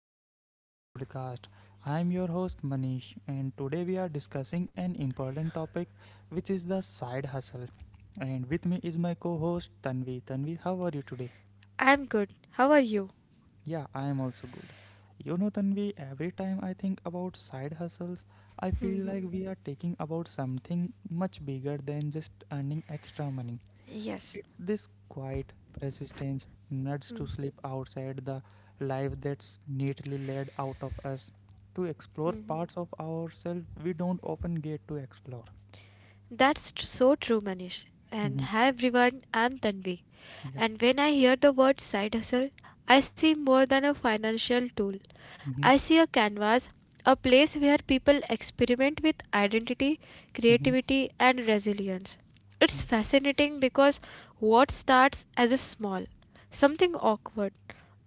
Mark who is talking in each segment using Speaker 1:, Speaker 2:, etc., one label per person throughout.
Speaker 1: welcome to the podcast. I'm your host Manish, and today we are discussing an important topic which is the side hustle. And with me is my co host Tanvi. Tanvi, how are you today?
Speaker 2: I am good. How are you?
Speaker 1: Yeah, I am also good. You know, Tanvi, every time I think about side hustles, I feel like we are taking about something much bigger than just earning extra money.
Speaker 2: Yes.
Speaker 1: It's this quiet persistence, nuts to
Speaker 2: Hmm,
Speaker 1: sleep outside the life that's neatly laid out of us, to
Speaker 2: hmm, hmm.
Speaker 1: explore parts of ourselves we don't often get to explore.
Speaker 2: That's so true, Manish. And
Speaker 1: Hmm.
Speaker 2: hi everyone, I'm Tanvi.
Speaker 1: Yeah.
Speaker 2: And when I hear the word side hustle, I see more than a financial tool.
Speaker 1: Hmm.
Speaker 2: I see a canvas, a place where people experiment with identity,
Speaker 1: Hmm.
Speaker 2: creativity, and resilience.
Speaker 1: Yeah.
Speaker 2: It's fascinating because what starts as a small, something awkward,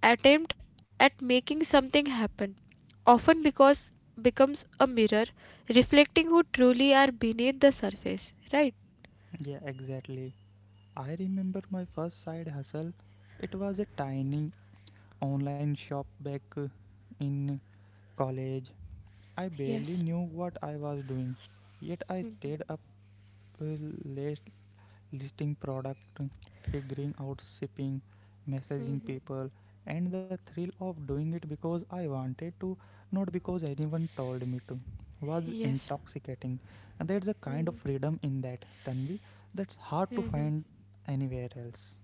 Speaker 2: attempt at making something happen often because becomes a mirror reflecting who truly are beneath the surface, right?
Speaker 1: Yeah, exactly. I remember my first side hustle. It was a tiny online shop back in college. I
Speaker 2: yes
Speaker 1: barely knew what I was doing, yet I stayed up uh, late listing product, figuring out shipping, messaging people, and the thrill of doing it because I wanted to, not because anyone told me to, was
Speaker 2: yes
Speaker 1: intoxicating. And there's a kind of freedom in that, Tanvi, that's hard to find anywhere else.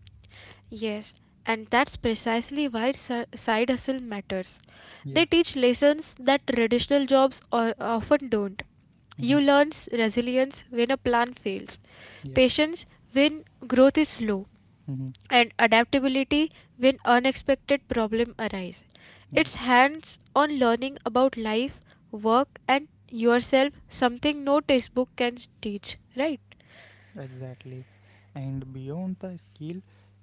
Speaker 2: yes And that's precisely why side hustle matters.
Speaker 1: Yeah.
Speaker 2: They teach lessons that traditional jobs or often don't.
Speaker 1: Mm-hmm.
Speaker 2: You learn resilience when a plan fails,
Speaker 1: Yeah.
Speaker 2: patience when growth is slow,
Speaker 1: Mm-hmm.
Speaker 2: and adaptability when unexpected problems arise.
Speaker 1: Yeah.
Speaker 2: It's hands on learning about life, work, and yourself, something no textbook can teach, right?
Speaker 1: Exactly. And beyond the skill,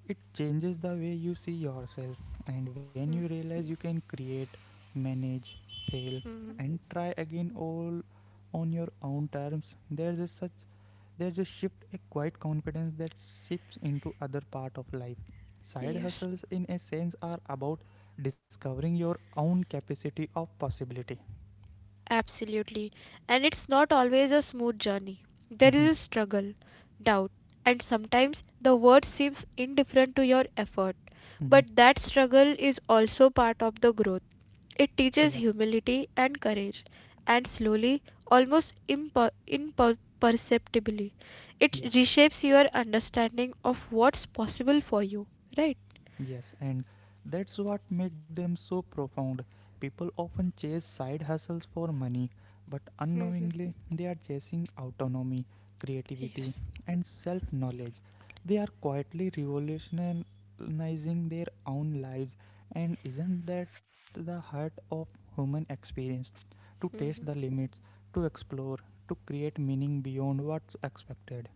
Speaker 1: it changes the way you see yourself. And when you realize you can create, manage, fail, and try again all on your own terms, there's a shift, a quiet confidence that shifts into other part of life. Side
Speaker 2: Yes,
Speaker 1: hustles in a sense are about discovering your own capacity of possibility.
Speaker 2: absolutely. And it's not always a smooth journey. There is a
Speaker 1: Mhm.
Speaker 2: struggle, doubt, and sometimes the world seems indifferent to your effort. But
Speaker 1: Mhm.
Speaker 2: that struggle is also part of the growth. It
Speaker 1: Yeah.
Speaker 2: teaches humility and courage, and slowly, almost imperceptibly, it
Speaker 1: Yeah.
Speaker 2: reshapes your understanding of what's possible for you, right?
Speaker 1: Yes, and that's what make them so profound. People often chase side hustles for money, but
Speaker 2: Mm-hmm.
Speaker 1: unknowingly they are chasing autonomy, creativity,
Speaker 2: Yes.
Speaker 1: and self-knowledge. They are quietly revolutionizing their own lives, and isn't that the heart of human experience? To test
Speaker 2: Mm-hmm.
Speaker 1: the limits, to explore, to create meaning beyond what's expected,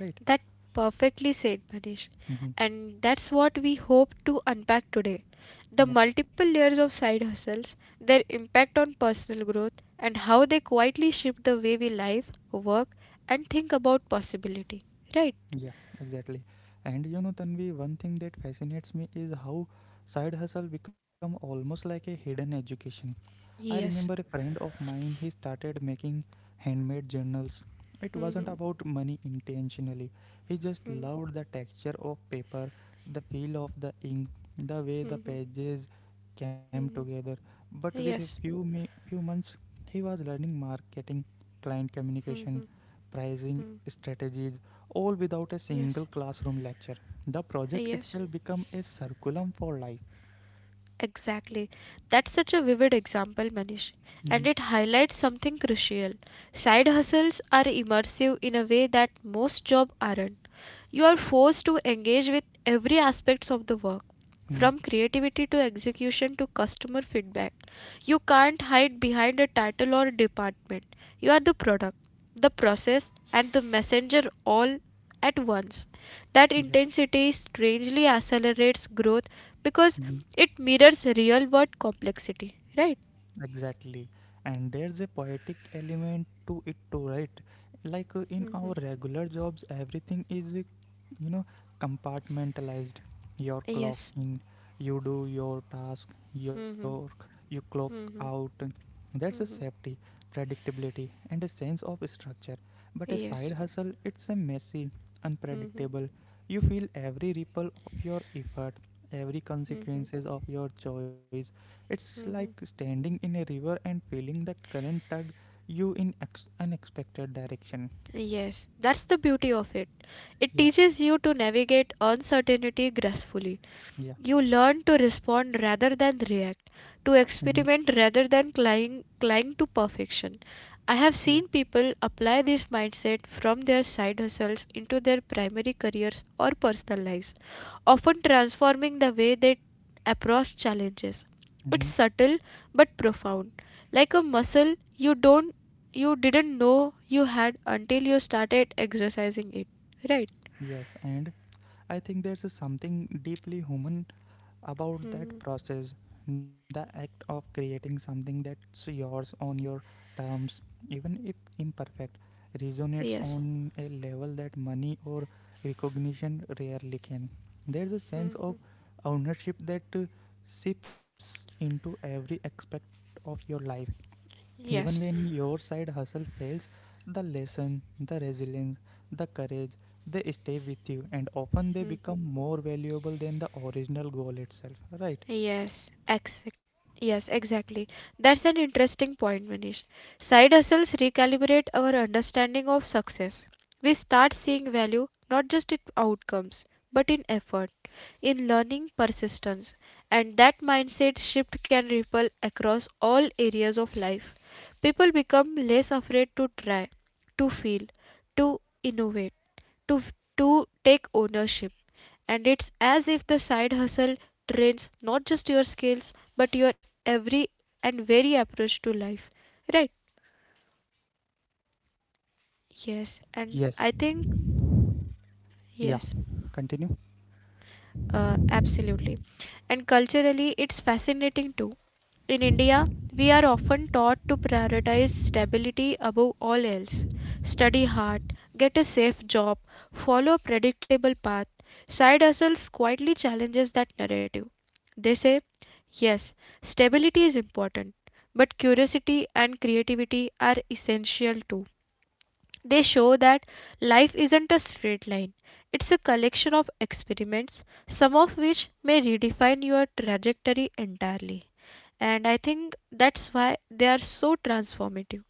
Speaker 1: right?
Speaker 2: That perfectly said, Manish.
Speaker 1: Mm-hmm.
Speaker 2: And that's what we hope to unpack today. The
Speaker 1: Yeah.
Speaker 2: multiple layers of side hustles, their impact on personal growth, and how they quietly shift the way we live, work, and think about possibility. Right?
Speaker 1: Yeah, exactly. And you know, Tanvi, one thing that fascinates me is how side hustle become almost like a hidden education. I
Speaker 2: Yes.
Speaker 1: remember a friend of mine, he started making handmade journals. It wasn't about money intentionally. He just loved the texture of paper, the feel of the ink, the way the pages came together. But with a
Speaker 2: Yes.
Speaker 1: few me- few months, he was learning marketing, client communication, pricing strategies, all without a
Speaker 2: Yes,
Speaker 1: single classroom lecture. The project
Speaker 2: yes,
Speaker 1: itself became a curriculum for life.
Speaker 2: exactly. That's such a vivid example, Manish.
Speaker 1: Mhm.
Speaker 2: And it highlights something crucial. Side hustles are immersive in a way that most jobs aren't. You are forced to engage with every aspect of the work,
Speaker 1: Mhm.
Speaker 2: from creativity to execution to customer feedback. You can't hide behind a title or department. You are the product, the process, and the messenger all at once. That intensity strangely accelerates growth because
Speaker 1: Yeah.
Speaker 2: it mirrors real world complexity, right?
Speaker 1: Exactly. And there's a poetic element to it too, right? Like in our
Speaker 2: Mhm.
Speaker 1: regular jobs, everything is, you know, compartmentalized. Your clock
Speaker 2: Yes,
Speaker 1: in, you do your task, you clock out. That's a safety, predictability, and a sense of structure. But a side
Speaker 2: yes.
Speaker 1: hustle, it's a messy, unpredictable. You feel every ripple of your effort, every consequences of your choice, it's like standing in a river and feeling the current tug you in unexpected direction.
Speaker 2: Yes, that's the beauty of it.
Speaker 1: Yeah,
Speaker 2: It teaches you to navigate uncertainty gracefully.
Speaker 1: yeah.
Speaker 2: You learn to respond rather than react, to
Speaker 1: Mm-hmm.
Speaker 2: experiment rather than cling to perfection. I
Speaker 1: Yeah.
Speaker 2: have seen people apply this mindset from their side hustles into their primary careers or personal lives, often transforming the way they approach challenges.
Speaker 1: Mm-hmm.
Speaker 2: It's subtle but profound. Like a muscle you didn't know you had until you started exercising it. Right?
Speaker 1: Yes. And I think there's something deeply human about that process, the act of creating something that's yours on your terms, even if imperfect, resonates
Speaker 2: Yes.
Speaker 1: on a level that money or recognition rarely can. There's a sense of ownership that seeps into every aspect of your life. Even
Speaker 2: Yes.
Speaker 1: when your side hustle fails, the lesson, the resilience, the courage, they stay with you, and often they become more valuable than the original goal itself, right?
Speaker 2: Yes, exact. Yes, exactly. That's an interesting point, Manish. Side hustles recalibrate our understanding of success. We start seeing value not just in outcomes, but in effort, in learning persistence, and that mindset shift can ripple across all areas of life. People become less afraid to try, to feel, to innovate, to to take ownership, and it's as if the side hustle trains not just your skills but your every and very approach to life, right? Yes, and
Speaker 1: Yes,
Speaker 2: I think
Speaker 1: yeah,
Speaker 2: yes,
Speaker 1: continue.
Speaker 2: absolutely. And culturally, it's fascinating too. In India, we are often taught to prioritize stability above all else. Study hard, get a safe job, follow a predictable path. Side hustles quietly challenges that narrative. They say, yes, stability is important, but curiosity and creativity are essential too. They show that life isn't a straight line, it's a collection of experiments, some of which may redefine your trajectory entirely. And I think that's why they are so transformative.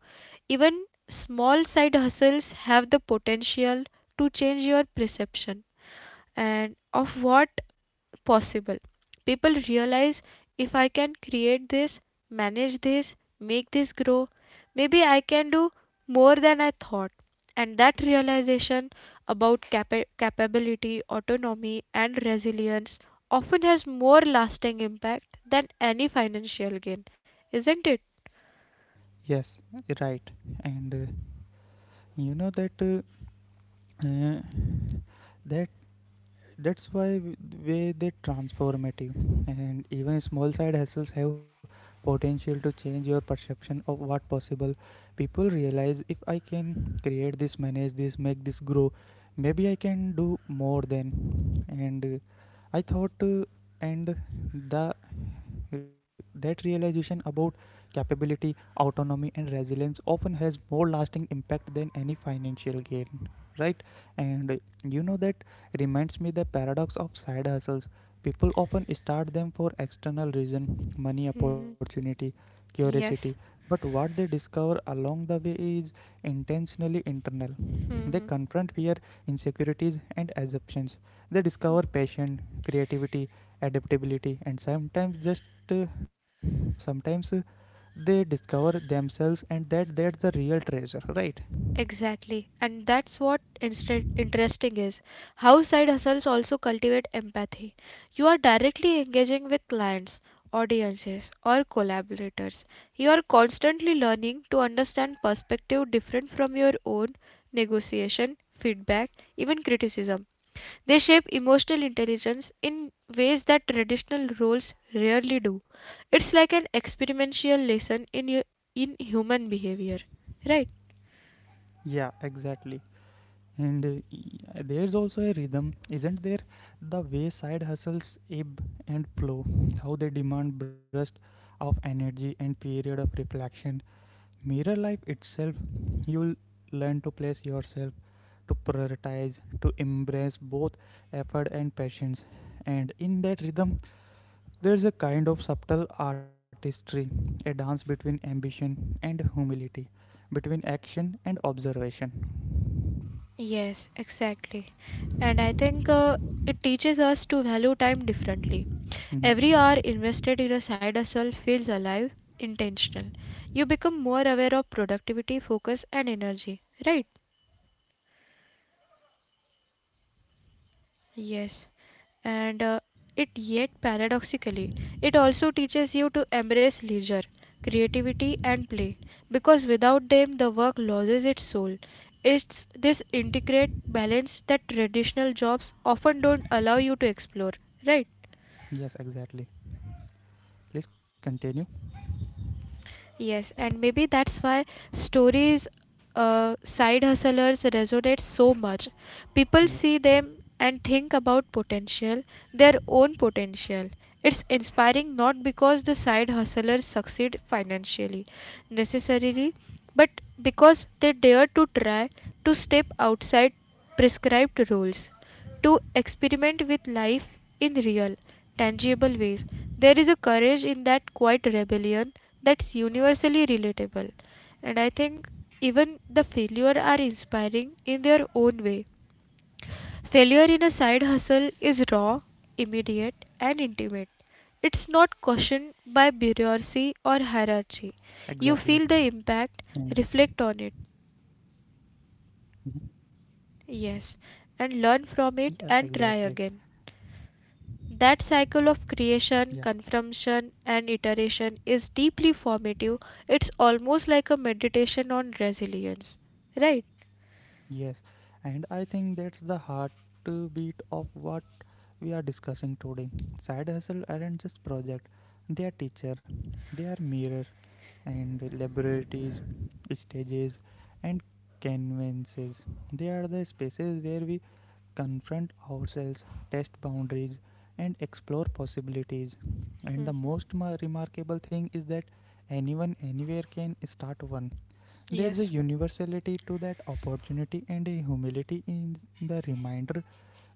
Speaker 2: Even small side hustles have the potential to change your perception and of what possible. People realize if I can create this, manage this, make this grow, maybe I can do more than I thought. And that realization about capability, autonomy, and resilience often has more lasting impact than any financial gain, isn't it?
Speaker 1: Yes, right. And you know that uh, uh, that that's why way they transformative, and even small side hustles have potential to change your perception of what possible. People realize if I can create this, manage this, make this grow, maybe I can do more than. And I thought, and the that realization about capability, autonomy, and resilience often has more lasting impact than any financial gain, right? And that reminds me the paradox of side hustles. People often start them for external reason, money,
Speaker 2: Mhm.
Speaker 1: opportunity,
Speaker 2: Yes.
Speaker 1: curiosity, but what they discover along the way is intentionally internal. They
Speaker 2: Mhm.
Speaker 1: confront fear, insecurities and assumptions. They discover passion, creativity, adaptability, and sometimes just uh, sometimes they discover themselves, and that's the real treasure, right?
Speaker 2: Exactly. And that's what instead interesting is. How side hustles also cultivate empathy. You are directly engaging with clients, audiences, or collaborators. You are constantly learning to understand perspective different from your own, negotiation, feedback, even criticism. They shape emotional intelligence in ways that traditional roles rarely do. It's like an experiential lesson in in human behavior, right?
Speaker 1: Yeah, exactly. And there's also a rhythm, isn't there? The way side hustles ebb and flow, how they demand burst of energy and period of reflection. Mirror life itself, you'll learn to place yourself, to prioritize, to embrace both effort and patience. And in that rhythm, there's a kind of subtle artistry, a dance between ambition and humility, between action and observation.
Speaker 2: Yes, exactly. And I think it teaches us to value time differently. Every hour
Speaker 1: Mhm.
Speaker 2: invested in a side hustle feels alive, intentional. You become more aware of productivity, focus, and energy, right? Yes. And it yet paradoxically it also teaches you to embrace leisure, creativity, and play, because without them the work loses its soul. It's this integrate balance that traditional jobs often don't allow you to explore, right?
Speaker 1: Yes, exactly. Please continue.
Speaker 2: Yes, and maybe that's why stories side hustlers resonate so much. People
Speaker 1: Yeah.
Speaker 2: see them and think about potential, their own potential. It's inspiring not because the side hustlers succeed financially necessarily, but because they dare to try, to step outside prescribed rules, to experiment with life in real, tangible ways. There is a courage in that quiet rebellion that's universally relatable. And I think even the failure are inspiring in their own way. Failure in a side hustle is raw, immediate, and intimate. It's not cautioned
Speaker 1: Yes,
Speaker 2: by bureaucracy or
Speaker 1: exactly.
Speaker 2: hierarchy. You feel the
Speaker 1: And,
Speaker 2: impact, reflect on it,
Speaker 1: mhm,
Speaker 2: yes, and learn
Speaker 1: yeah,
Speaker 2: from it and
Speaker 1: exactly.
Speaker 2: try again. That cycle of
Speaker 1: Yeah.
Speaker 2: creation, consumption, and iteration is deeply formative. It's almost like a meditation on resilience, right?
Speaker 1: Yes. And I think that's the heartbeat of what we are discussing today. Side hustle aren't just project. They are teacher, they are mirror and laboratories, stages and canvases. They are the spaces where we confront ourselves, test boundaries, and explore possibilities. And the most remarkable thing is that anyone anywhere can start one. There's a
Speaker 2: Yes,
Speaker 1: universality to that opportunity and a humility in the reminder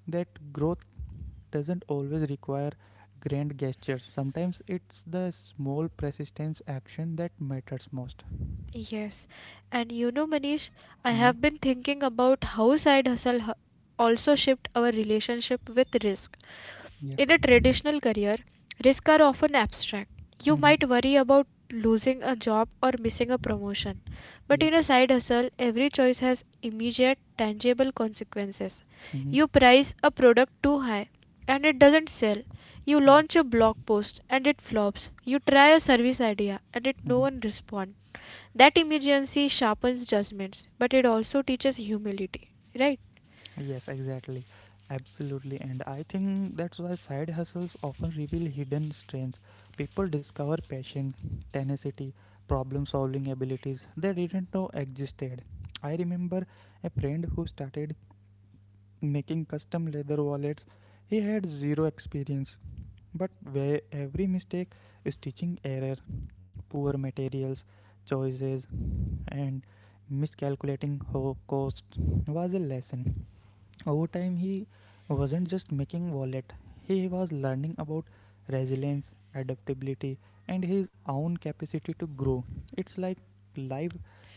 Speaker 1: that growth doesn't always require grand gestures. Sometimes it's the small persistence action that matters most.
Speaker 2: yes. And you know, Manish, I
Speaker 1: Mm-hmm.
Speaker 2: have been thinking about how side hustle also shift our relationship with risk.
Speaker 1: Yeah.
Speaker 2: In a traditional career, risks are often abstract. You
Speaker 1: Hmm.
Speaker 2: might worry about losing a job or missing a promotion.
Speaker 1: Yeah.
Speaker 2: But in a side hustle, every choice has immediate, tangible consequences.
Speaker 1: Hmm.
Speaker 2: You price a product too high and it doesn't sell. You
Speaker 1: Yeah.
Speaker 2: launch a blog post and it flops. You try a service idea and it no
Speaker 1: Hmm.
Speaker 2: one responds. That emergency sharpens judgments, but it also teaches humility, right?
Speaker 1: Yes, exactly. Absolutely. And I think that's why side hustles often reveal hidden strengths. People discover passion, tenacity, problem solving abilities they didn't know existed. I remember a friend who started making custom leather wallets. He had zero experience, but where every mistake, stitching error, poor materials, choices, and miscalculating costs was a lesson. Over time he wasn't just making wallet, he was learning about resilience, adaptability, and his own capacity to grow. It's like life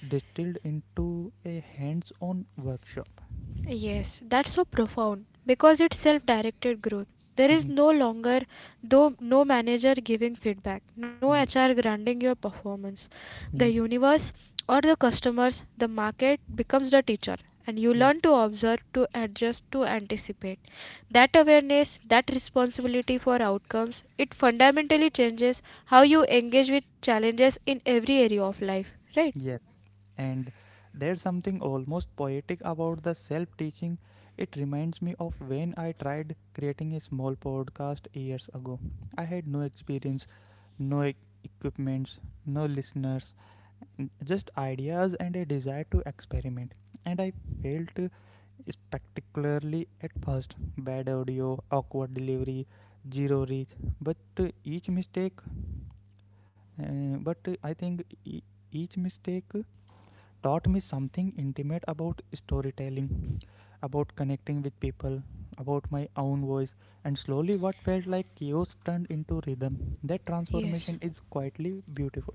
Speaker 1: distilled into a hands-on workshop.
Speaker 2: Yes, that's so profound because it's self-directed growth. There is
Speaker 1: Mhm.
Speaker 2: no longer, though no manager giving feedback, no
Speaker 1: Yeah.
Speaker 2: HR granting your performance. The
Speaker 1: Mhm.
Speaker 2: universe or the customers, the market becomes the teacher, and you
Speaker 1: Yeah.
Speaker 2: learn to observe, to adjust, to anticipate. That awareness, that responsibility for outcomes, it fundamentally changes how you engage with challenges in every area of life, right?
Speaker 1: Yes, and there's something almost poetic about the self-teaching. It reminds me of when I tried creating a small podcast years ago. I had no experience, no equipments, no listeners, just ideas and a desire to experiment. And I felt spectacularly at first, bad audio, awkward delivery, zero reach. But each mistake, but I think e- each mistake taught me something intimate about storytelling, about connecting with people, about my own voice. And slowly, what felt like chaos turned into rhythm. That
Speaker 2: Yes.
Speaker 1: transformation is quietly beautiful.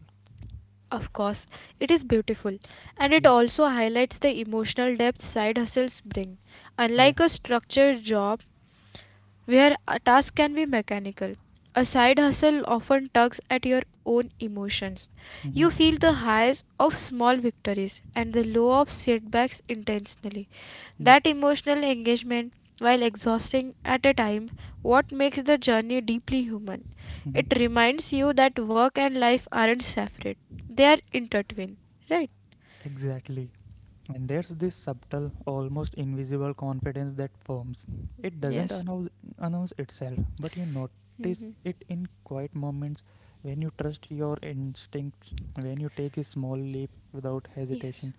Speaker 2: Of course, it is beautiful, and
Speaker 1: Yeah.
Speaker 2: it also highlights the emotional depth side hustles bring.
Speaker 1: Yeah.
Speaker 2: Unlike a structured job, where a task can be mechanical. A side hustle often tugs at your own emotions. You feel the
Speaker 1: Mm-hmm.
Speaker 2: highs of small victories and the low of setbacks intensely.
Speaker 1: Yeah.
Speaker 2: That emotional engagement, while exhausting at a time, what makes the journey deeply human.
Speaker 1: Mm-hmm.
Speaker 2: It reminds you that work and life aren't separate. They are intertwined. Right?
Speaker 1: Exactly. And there's this subtle, almost invisible confidence that forms. It doesn't
Speaker 2: Yes.
Speaker 1: announce itself, but you notice it in quiet moments when you trust your instincts, when you take a small leap without
Speaker 2: Yes.
Speaker 1: hesitation,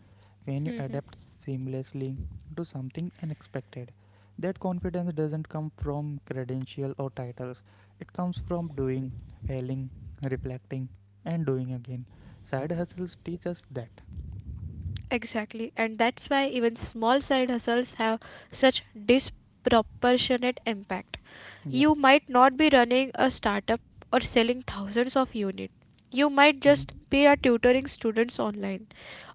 Speaker 1: when you adapt seamlessly to something unexpected. That confidence doesn't come from credential or titles, it comes from doing, failing, reflecting, and doing again. Side hustles teach us that.
Speaker 2: Exactly, and that's why even small side hustles have such disproportionate impact.
Speaker 1: Yeah.
Speaker 2: You might not be running a startup or selling thousands of units. You might
Speaker 1: Mhm.
Speaker 2: just be a tutoring students online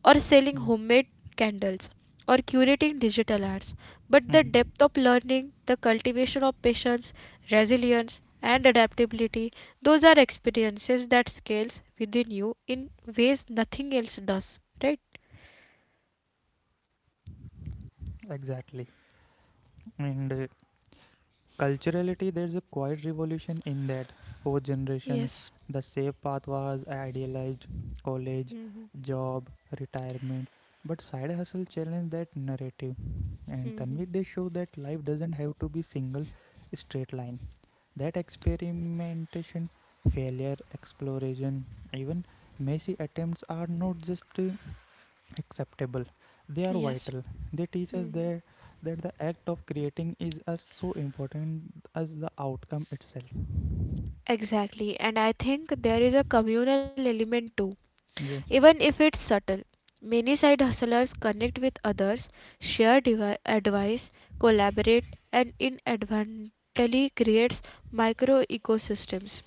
Speaker 2: or selling
Speaker 1: Yeah.
Speaker 2: homemade candles or curating digital arts. But the
Speaker 1: Mhm.
Speaker 2: depth of learning, the cultivation of patience, resilience, and adaptability, those are experiences that scales within you in ways nothing else does, right?
Speaker 1: Exactly. And culturality, there's a quiet revolution in that. Fourth generation,
Speaker 2: Yes.
Speaker 1: the safe path was idealized, college,
Speaker 2: Hmm.
Speaker 1: job, retirement. But side hustle challenged that narrative. And Tanvik, they show that life doesn't have to be single straight line. That experimentation, failure, exploration, even messy attempts are not just acceptable, they are
Speaker 2: Yes.
Speaker 1: vital. They teach us that the act of creating is as so important as the outcome itself.
Speaker 2: Exactly, and I think there is a communal element too,
Speaker 1: Yeah.
Speaker 2: even if it's subtle. Many side hustlers connect with others, share advice, collaborate, and inadvertently creates micro ecosystems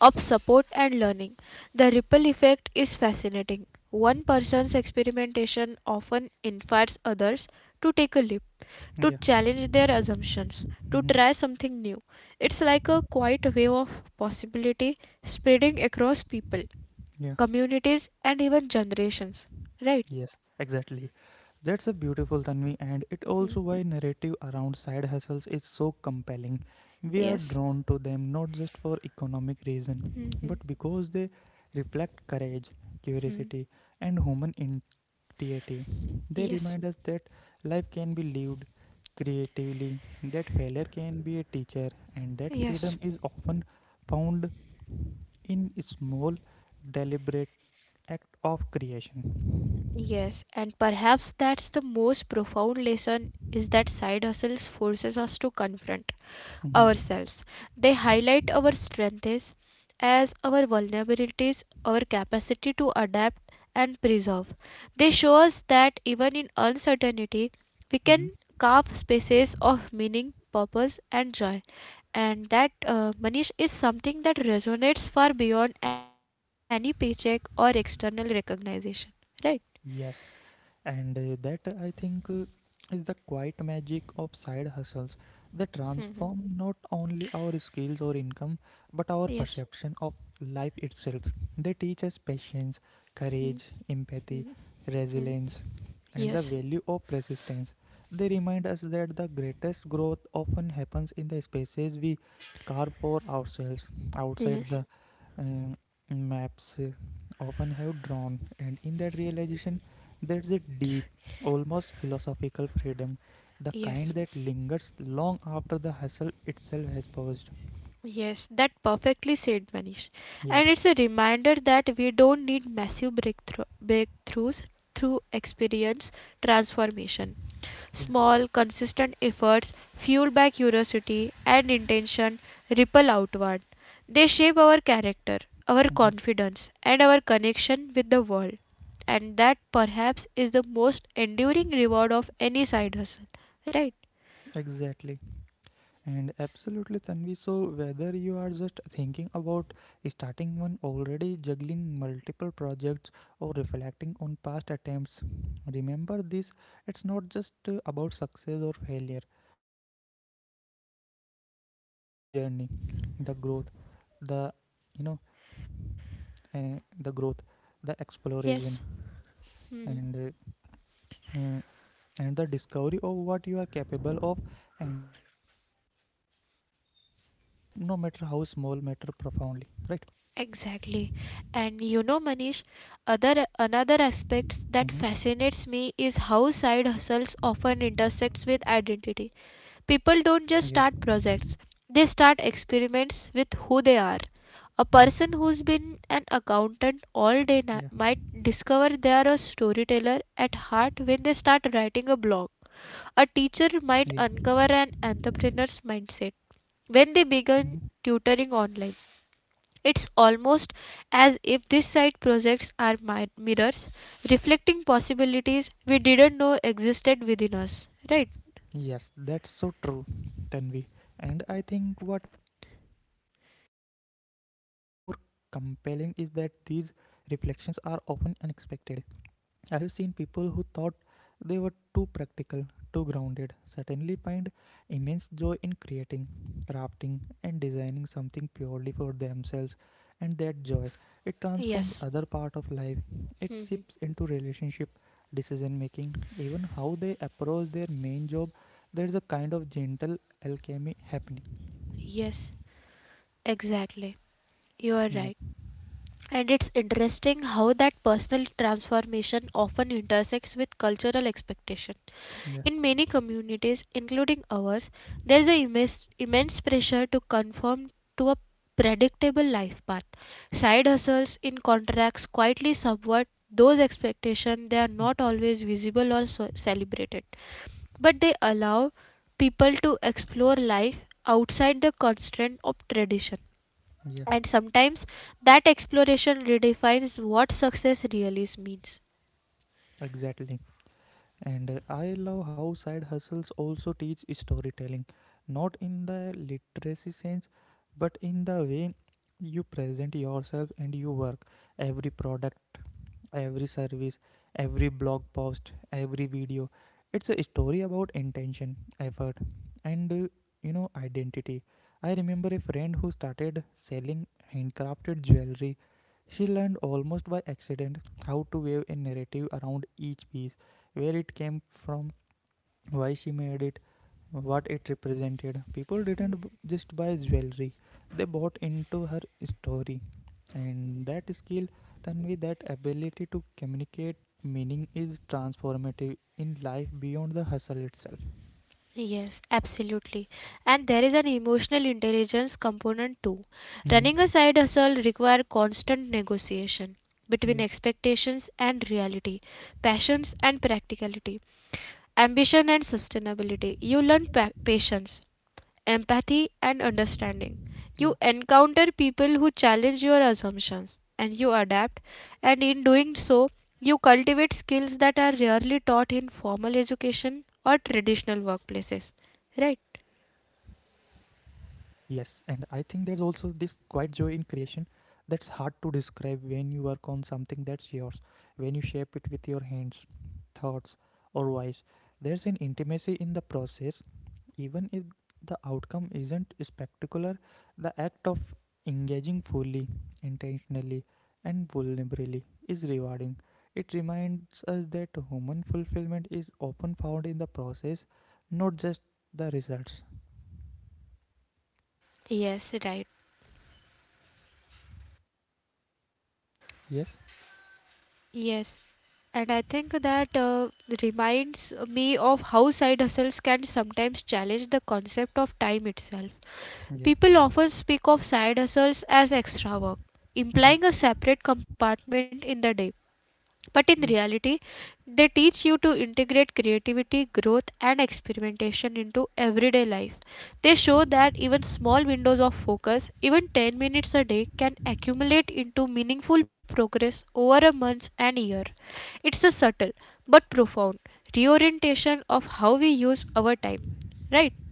Speaker 2: of support and learning. The ripple effect is fascinating. One person's experimentation often inspires others to take a leap, to
Speaker 1: Yeah.
Speaker 2: challenge their assumptions, to
Speaker 1: Hmm.
Speaker 2: try something new. It's like a quiet wave of possibility spreading across people,
Speaker 1: Yeah.
Speaker 2: communities, and even generations. Right?
Speaker 1: Yes, exactly. That's a beautiful, Tanvi, and it also why narrative around side hustles is so compelling. We are
Speaker 2: Yes.
Speaker 1: drawn to them not just for economic reason,
Speaker 2: Mhm.
Speaker 1: but because they reflect courage, curiosity, and human creative. They
Speaker 2: Yes.
Speaker 1: remind us that life can be lived creatively, that failure can be a teacher, and that freedom
Speaker 2: Yes.
Speaker 1: is often found in small, deliberate act of creation.
Speaker 2: Yes. And perhaps that's the most profound lesson is that side hustles forces us to confront
Speaker 1: Mhm.
Speaker 2: ourselves. They highlight our strengths as our vulnerabilities, our capacity to adapt and preserve. They show us that even in uncertainty, we
Speaker 1: Mhm.
Speaker 2: can carve spaces of meaning, purpose, and joy. And that, Manish, is something that resonates far beyond any paycheck or external recognition. Right?
Speaker 1: Yes, and that I think, is the quiet magic of side hustles. They transform not only our skills or income, but our
Speaker 2: Yes.
Speaker 1: perception of life itself. They teach us patience, courage, empathy, resilience, and the
Speaker 2: Yes.
Speaker 1: value of persistence. They remind us that the greatest growth often happens in the spaces we carve for ourselves outside the um, maps often have drawn, and in that realization, there's a deep, almost philosophical freedom, the kind that lingers long after the hustle itself has paused.
Speaker 2: Yes, that perfectly said Manish.
Speaker 1: Yeah,
Speaker 2: And it's a reminder that we don't need massive breakthroughs through experience transformation.
Speaker 1: yeah.
Speaker 2: Small, consistent efforts fueled by curiosity and intention ripple outward. They shape our character, our
Speaker 1: Mhm.
Speaker 2: confidence, and our connection with the world. And that perhaps is the most enduring reward of any side hustle. Right?
Speaker 1: Exactly. And absolutely, Tanvi. So, whether you are just thinking about starting one already, juggling multiple projects, or reflecting on past attempts, remember this, it's not just about success or failure, it's about the journey, the growth, the you know, uh, the growth, the exploration,
Speaker 2: Yes.
Speaker 1: and uh, uh, and the discovery of what you are capable of, and in that journey every step, no matter how small, matter profoundly, right?
Speaker 2: Exactly. And you know, Manish, other another aspect that
Speaker 1: Mm-hmm.
Speaker 2: fascinates me is how side hustles often intersects with identity. People don't just
Speaker 1: Yeah.
Speaker 2: start projects, they start experiments with who they
Speaker 1: Mm-hmm.
Speaker 2: are. A person who's been an accountant all
Speaker 1: Yeah.
Speaker 2: day might discover they are a storyteller at heart when they start writing a blog. A teacher might
Speaker 1: Yeah.
Speaker 2: uncover an entrepreneur's mindset when they begin
Speaker 1: Mm-hmm.
Speaker 2: tutoring online. It's almost as if this side projects are mirrors, reflecting possibilities we didn't know existed within us. Right?
Speaker 1: Yes, that's so true, Tanvi, and I think what makes it even more compelling is that these reflections are often unexpected. I have seen people who thought they were too practical, too grounded, suddenly find immense joy in creating, crafting, and designing something purely for themselves. And that joy, it transforms
Speaker 2: Yes.
Speaker 1: other part of life. It
Speaker 2: Mhm.
Speaker 1: seeps into relationship, decision making, even how they approach their main job. There is a kind of gentle alchemy happening.
Speaker 2: Yes. Exactly. You are
Speaker 1: Yeah,
Speaker 2: right. And it's interesting how that personal transformation often intersects with cultural expectation.
Speaker 1: yeah,
Speaker 2: In many communities, including ours, there is an immense pressure to conform to a predictable life path. Side hustles in contracts quietly subvert those expectations. They are not always visible or so celebrated, but they allow people to explore life outside the constraint of tradition.
Speaker 1: yeah,
Speaker 2: And sometimes that exploration redefines what success really means.
Speaker 1: exactly. And I love how side hustles also teach storytelling, not in the literacy sense, but in the way you present yourself and your work. Every product every service, every blog post, every video. It's a story about intention, effort, and identity. I remember a friend who started selling handcrafted jewelry. She learned almost by accident how to weave a narrative around each piece, where it came from, why she made it, what it represented. People didn't just buy jewelry, they bought into her story. And that skill, Tanvi, that ability to communicate meaning is transformative in life beyond the hustle itself.
Speaker 2: Yes, absolutely. And there is an emotional intelligence component too.
Speaker 1: Hmm.
Speaker 2: Running a side hustle requires constant negotiation between
Speaker 1: Yeah,
Speaker 2: expectations and reality, passions and practicality, ambition and sustainability. You learn patience, empathy, and understanding. You
Speaker 1: yeah.
Speaker 2: encounter people who challenge your assumptions and you adapt, and in doing so, you cultivate skills that are rarely taught in formal education or traditional workplaces. Right?
Speaker 1: Yes, and I think there's also this quiet joy in creation that's hard to describe when you work on something that's yours, when you shape it with your hands, thoughts, or voice. There's an intimacy in the process. Even if the outcome isn't spectacular, the act of engaging fully, intentionally, and vulnerably is rewarding. It reminds us that human fulfillment is often found in the process, not just the results.
Speaker 2: Yes, right.
Speaker 1: Yes?
Speaker 2: Yes. And I think that reminds me of how side hustles can sometimes challenge the concept of time itself.
Speaker 1: Yeah.
Speaker 2: People often speak of side hustles as extra work,
Speaker 1: Mhm.
Speaker 2: implying a separate compartment in the day. But in reality, they teach you to integrate creativity, growth, and experimentation into everyday life. They show that even small windows of focus, even 10 minutes a day, can accumulate into meaningful progress over a month and year. It's a subtle but profound reorientation of how we use our time, right?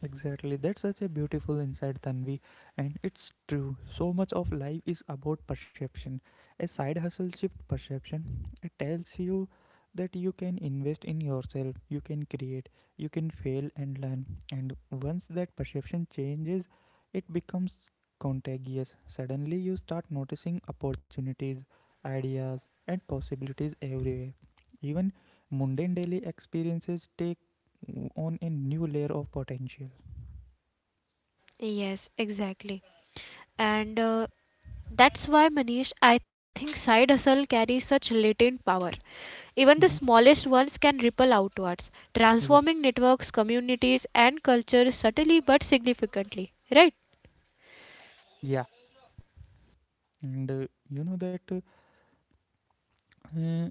Speaker 1: Exactly, that's such a beautiful insight, Tanvi, and it's true. So much of life is about perception. A side hustle shifts perception. It tells you that you can invest in yourself, you can create, you can fail and learn. And once that perception changes, it becomes contagious. Suddenly, you start noticing opportunities, ideas, and possibilities everywhere. Even mundane daily experiences take on a new layer of potential.
Speaker 2: Yes, exactly. And that's why, Manish, I think side hustle carries such latent power. Even
Speaker 1: Hmm.
Speaker 2: the smallest ones can ripple outwards,
Speaker 1: Yeah,
Speaker 2: transforming networks, communities, and cultures subtly but significantly. Right?
Speaker 1: yeah, and you know that uh,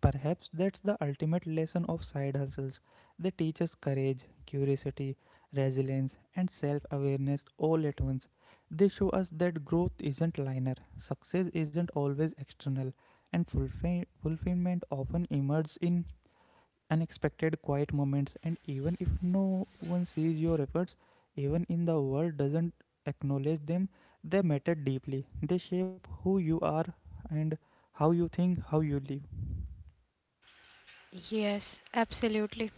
Speaker 1: Perhaps that's the ultimate lesson of side hustles. They teach us courage, curiosity, resilience, and self awareness all at once. They show us that growth isn't linear, success isn't always external, and fulfillment often emerges in unexpected quiet moments, and even if no one sees your efforts, even in the world doesn't acknowledge them, they matter deeply, they shape who you are, and how you think, how you live.
Speaker 2: Yes, absolutely.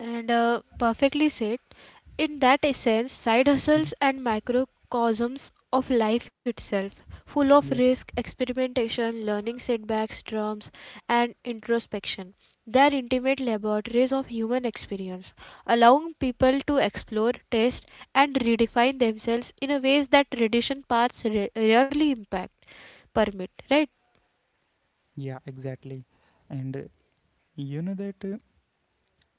Speaker 2: And perfectly said. In that essence, side hustles
Speaker 1: Mhm.
Speaker 2: and microcosms of life itself, full of
Speaker 1: Yeah,
Speaker 2: risk, experimentation, learning setbacks, drums, and introspection. They are intimate laboratories of human experience, allowing people to explore, test, and redefine themselves in a ways that tradition paths rarely impact permit, right?
Speaker 1: yeah, exactly. and you know that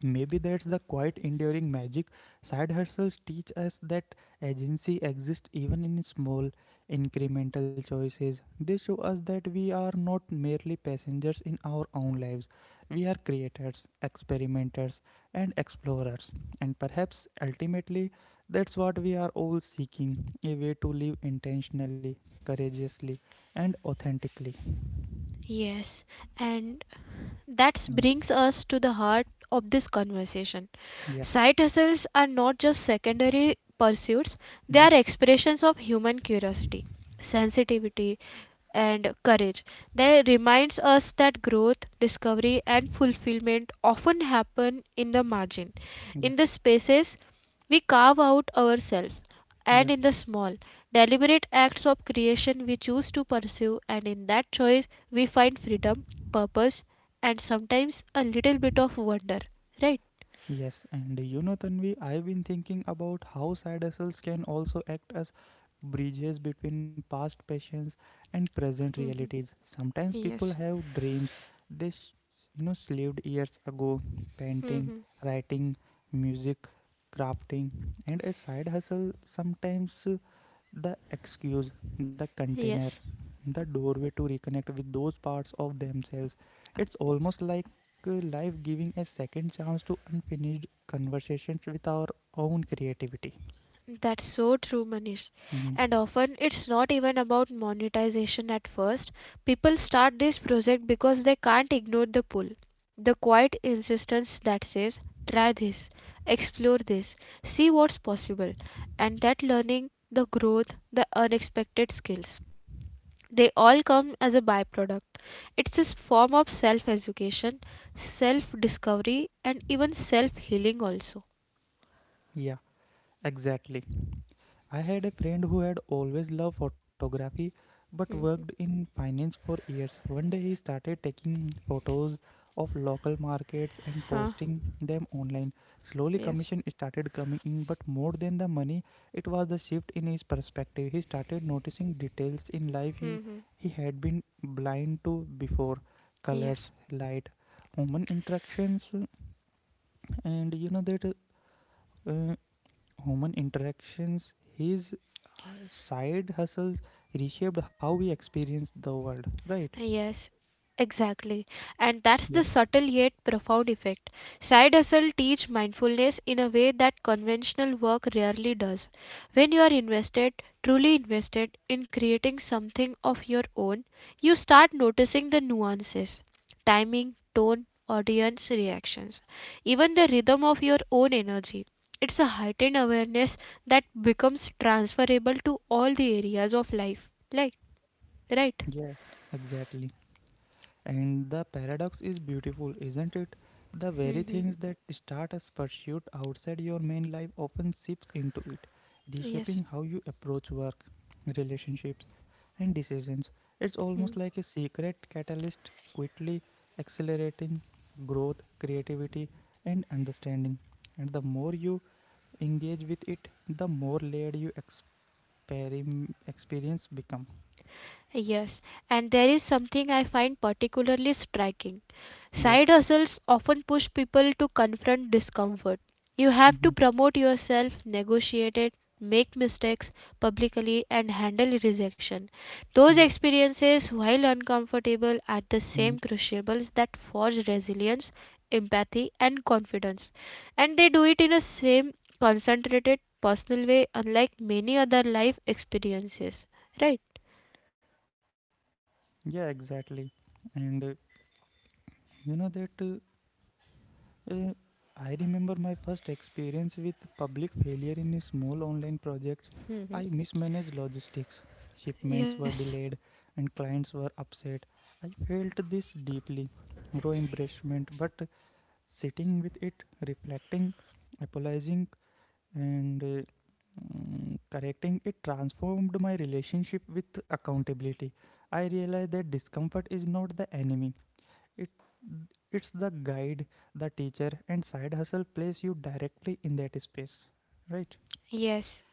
Speaker 1: Maybe that's the quiet, enduring magic. Side hustles teach us that agency exists even in small, incremental choices. They show us that we are not merely passengers in our own lives. We are creators, experimenters, and explorers. And perhaps ultimately, that's what we are all seeking, a way to live intentionally, courageously, and authentically.
Speaker 2: Yes, and that
Speaker 1: Mm.
Speaker 2: brings us to the heart of this conversation.
Speaker 1: Yeah.
Speaker 2: Side hustles are not just secondary pursuits, they
Speaker 1: Mhm.
Speaker 2: are expressions of human curiosity, sensitivity, and courage. They reminds us that growth, discovery, and fulfillment often happen in the margin,
Speaker 1: Yeah.
Speaker 2: in the spaces we carve out ourselves,
Speaker 1: Yeah.
Speaker 2: and in the small, deliberate acts of creation we choose to pursue, and in that choice we find freedom, purpose, and sometimes a little bit of wonder. Right?
Speaker 1: Yes, and you know, Tanvi, I've been thinking about how side hustles can also act as bridges between past passions and present realities. Sometimes people
Speaker 2: Yes.
Speaker 1: have dreams they, slaved years ago, painting, writing, music, crafting, and a side hustle sometimes the excuse, the container,
Speaker 2: Yes.
Speaker 1: the doorway to reconnect with those parts of themselves. It's almost like life giving a second chance to unfinished conversations with our own creativity.
Speaker 2: That's so true, Manish.
Speaker 1: Mhm.
Speaker 2: And often it's not even about monetization at first. People start this project because they can't ignore the pull. The quiet insistence that says, try this, explore this, see what's possible. And that learning, the growth, the unexpected skills, they all come as a byproduct. It's a form of self education, self discovery, and even self healing also.
Speaker 1: Yeah, exactly. I had a friend who had always loved photography but worked in finance for years. One day he started taking photos of local markets and posting them online. Slowly, commission started coming in, but more than the money, it was the shift in his perspective. He started noticing details in life he had been blind to before, colors, light, human interactions, and you know that. Uh, Human interactions, his side hustles reshaped how we experience the world, right?
Speaker 2: Yes, exactly. And that's
Speaker 1: Yeah.
Speaker 2: the subtle yet profound effect. Side hustle teach mindfulness in a way that conventional work rarely does. When you are invested, truly invested in creating something of your own, you start noticing the nuances, timing, tone, audience reactions, even the rhythm of your own energy. It's a heightened awareness that becomes transferable to all the areas of life. Like, right?
Speaker 1: Yeah, exactly. And the paradox is beautiful, isn't it? The very things that start as pursuit outside your main life often seeps into it,
Speaker 2: Yes.
Speaker 1: reshaping how you approach work, relationships, and decisions. It's almost like a secret catalyst quickly accelerating growth, creativity, and understanding. And the more you engage with it, the more layered you experience become.
Speaker 2: Yes, and there is something I find particularly striking.
Speaker 1: Yeah.
Speaker 2: Side hustles often push people to confront discomfort. You have
Speaker 1: Hmm.
Speaker 2: to promote yourself, negotiate it, make mistakes publicly, and handle rejection. Those
Speaker 1: Yeah.
Speaker 2: experiences, while uncomfortable, are the
Speaker 1: Hmm.
Speaker 2: same crucibles that forge resilience, empathy, and confidence. And they do it in a same concentrated, personal way, unlike many other life experiences. Right?
Speaker 1: Yeah, exactly. And you know that uh, I remember my first experience with public failure in a small online projects. I mismanaged logistics. Shipments were
Speaker 2: Yes,
Speaker 1: delayed and clients were upset. I felt this deeply, raw embarrassment, but sitting with it, reflecting, apologizing and correcting it transformed my relationship with accountability. I realized that discomfort is not the enemy, it it's the guide, the teacher, and side hustle place you directly in that space, right?
Speaker 2: yes,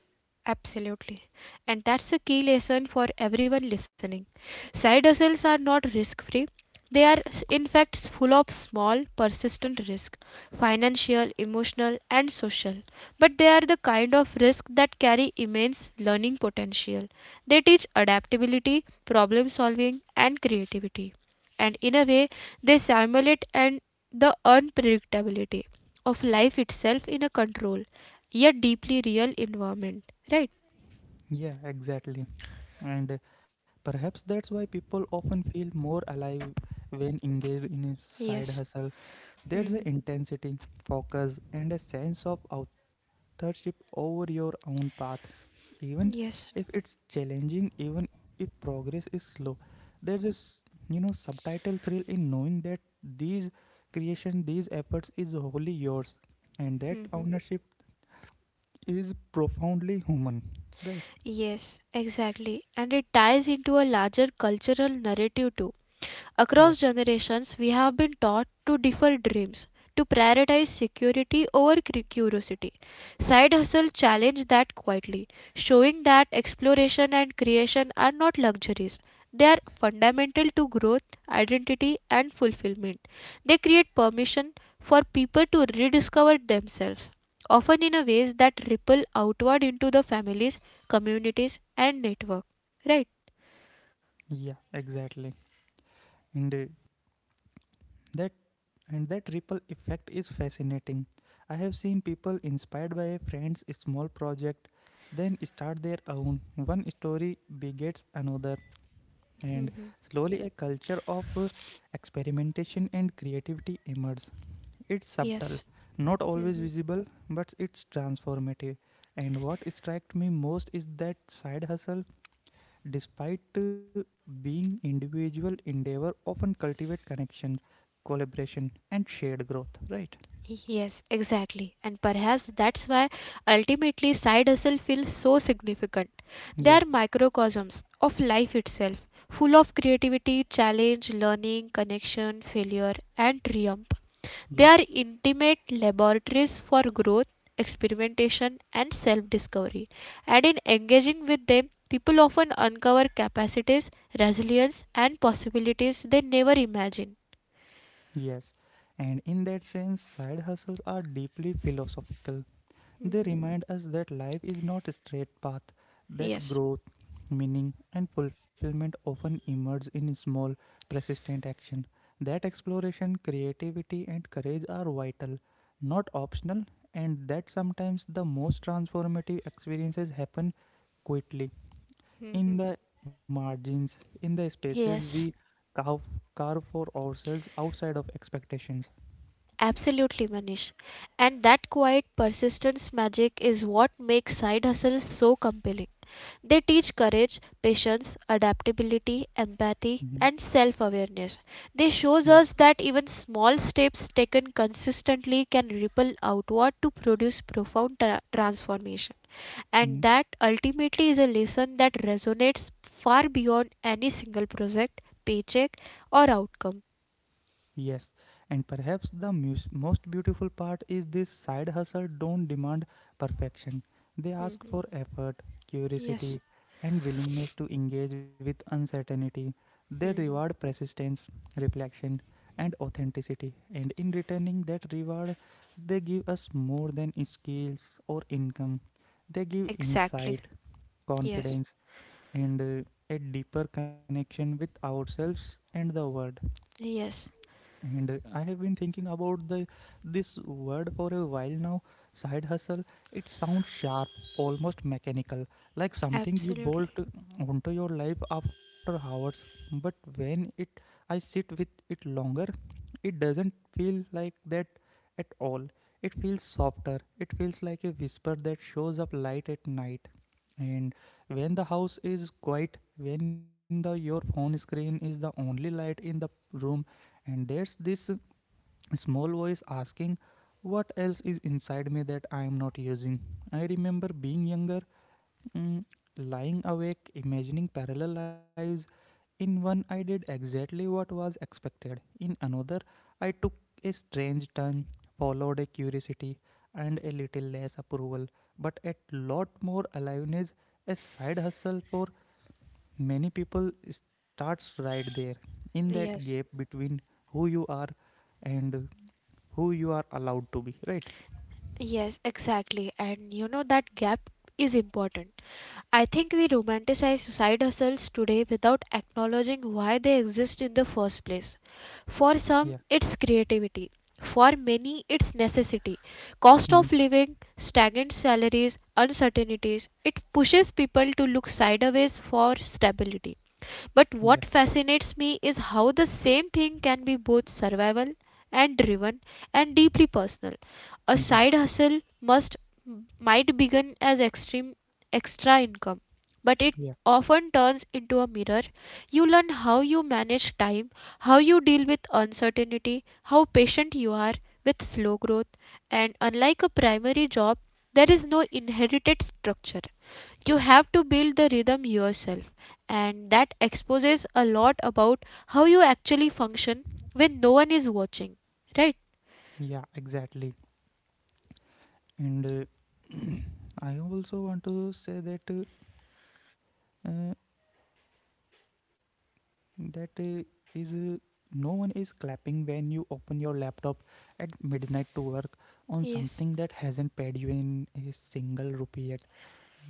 Speaker 2: absolutely. And that's a key lesson for everyone listening. Side hustles are not risk-free. They are, in fact, full of small, persistent risk, financial, emotional, and social. But they are the kind of risk that carry immense learning potential. They teach adaptability, problem solving, and creativity. And in a way, they simulate and the unpredictability of life itself in a control yet deeply real environment, right?
Speaker 1: Yeah, exactly. and Perhaps that's why people often feel more alive when engaged in a side hustle. There's an
Speaker 2: Hmm.
Speaker 1: intensity, focus and a sense of authorship over your own path, even
Speaker 2: Yes,
Speaker 1: if it's challenging, even if progress is slow. There's this, you know, subtitle thrill in knowing that these creation, these efforts is wholly yours, and that ownership is profoundly human, right?
Speaker 2: yes, exactly. And it ties into a larger cultural narrative too.
Speaker 1: Yeah,
Speaker 2: Across generations, we have been taught to defer dreams, to prioritize security over curiosity. Side hustle challenged that quietly, showing that exploration and creation are not luxuries. They are fundamental to growth, identity, and fulfillment. They create permission for people to rediscover themselves, often in a ways that ripple outward into the families, communities, and network. Right?
Speaker 1: yeah, exactly. And uh, that And that ripple effect is fascinating. I have seen people inspired by a friend's small project, then start their own. One story begets another, and slowly a culture of experimentation and creativity emerges. It's subtle, not always visible, but it's transformative. And what struck me most is that side hustle, despite being individual endeavor, often cultivate connection, collaboration and shared growth, right?
Speaker 2: Exactly, and perhaps that's why ultimately side hustle feels so significant. They
Speaker 1: Yeah,
Speaker 2: are microcosms of life itself, full of creativity, challenge, learning, connection, failure, and triumph. They
Speaker 1: yeah,
Speaker 2: are intimate laboratories for growth, experimentation, and self discovery. And in engaging with them, people often uncover capacities, resilience, and possibilities they never imagined.
Speaker 1: yes. And in that sense, side hustles are deeply philosophical. They remind us that life is not a straight path, that growth, meaning, and fulfillment often emerge in small, persistent action, that exploration, creativity, and courage are vital, not optional, and that sometimes the most transformative experiences happen quietly, in
Speaker 2: Mhm.
Speaker 1: the margins, in the spaces we
Speaker 2: Yes.
Speaker 1: carve, carve for ourselves outside of expectations.
Speaker 2: Absolutely, Manish. And that quiet persistence magic is what makes side hustles so compelling. They teach courage, patience, adaptability,
Speaker 1: Mhm.
Speaker 2: empathy, and self-awareness. They
Speaker 1: Yeah.
Speaker 2: shows us that even small steps taken consistently can ripple outward to produce profound transformation. And
Speaker 1: Mhm.
Speaker 2: that ultimately is a lesson that resonates far beyond any single project, paycheck, or outcome.
Speaker 1: Yes, and perhaps the most beautiful part is this side hustle don't demand perfection. They ask for effort, curiosity, and willingness to engage with uncertainty. They reward persistence, reflection, and authenticity. And in returning that reward, they give us more than skills or income. They give
Speaker 2: Exactly.
Speaker 1: insight, confidence, and a deeper connection with ourselves and the world. And Yeah. I have been thinking about the this word for a while now, side hustle. It sounds sharp, almost mechanical, like something you bolt onto your life after hours. But when it I sit with it longer, it doesn't feel like that at all. It feels softer. It feels like a whisper that shows up light at night. And when the house is quiet, when the your phone screen is the only light in the room, and there's this a small voice asking, what else is inside me that I am not using? I remember being younger, mm, lying awake, imagining parallel lives. In one, I did exactly what was expected. In another, I took a strange turn, followed a curiosity and a little less approval, but a lot more aliveness. A side hustle for many people starts right there, in that
Speaker 2: Yes.
Speaker 1: gap between who you are and who you are allowed to be, right?
Speaker 2: Yes, exactly. And you know that gap is important. I think we romanticize side hustles today without acknowledging why they exist in the first place. For
Speaker 1: Yeah.
Speaker 2: some, it's creativity. For many, it's necessity.
Speaker 1: Hmm.
Speaker 2: Cost of living, stagnant salaries, uncertainties, it pushes people to look sideways for stability. But
Speaker 1: Yeah.
Speaker 2: what fascinates me is how the same thing can be both survival and driven and deeply personal. A
Speaker 1: Hmm.
Speaker 2: side hustle must might begin as extreme extra income, but it
Speaker 1: Yeah.
Speaker 2: often turns into a mirror. You learn how you manage time, how you deal with uncertainty, how patient you are with slow growth, and unlike a primary job, there is no inherited structure. You have to build the rhythm yourself, and that exposes a lot about how you actually function when no one is watching, right?
Speaker 1: Yeah, exactly. And I also want to say that uh, that is no one is clapping when you open your laptop at midnight to work on something that hasn't paid you in a single rupee yet.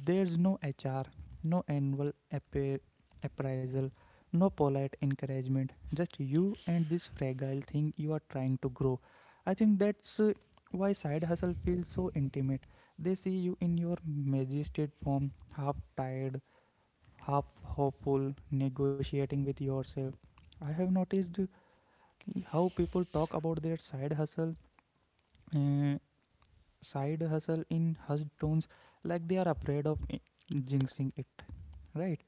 Speaker 1: There's no HR, no annual appraisal, no polite encouragement, just you and this fragile thing you are trying to grow. I think that's why side hustle feels so intimate. They see you in your majestic form, half tired, half hopeful, negotiating with yourself. I have noticed how people talk about their uh, side hustle in hushed tones, like they are afraid of jinxing it, right?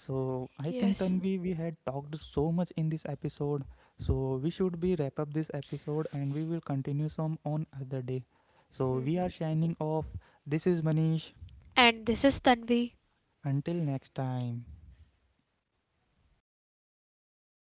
Speaker 1: So I think, Tanvi, we had talked so much in this episode, so we should be wrap up this episode and we will continue some on other day. So we
Speaker 2: Mhm.
Speaker 1: are shining off. This is Manish.
Speaker 2: And this is Tanvi.
Speaker 1: Until next time.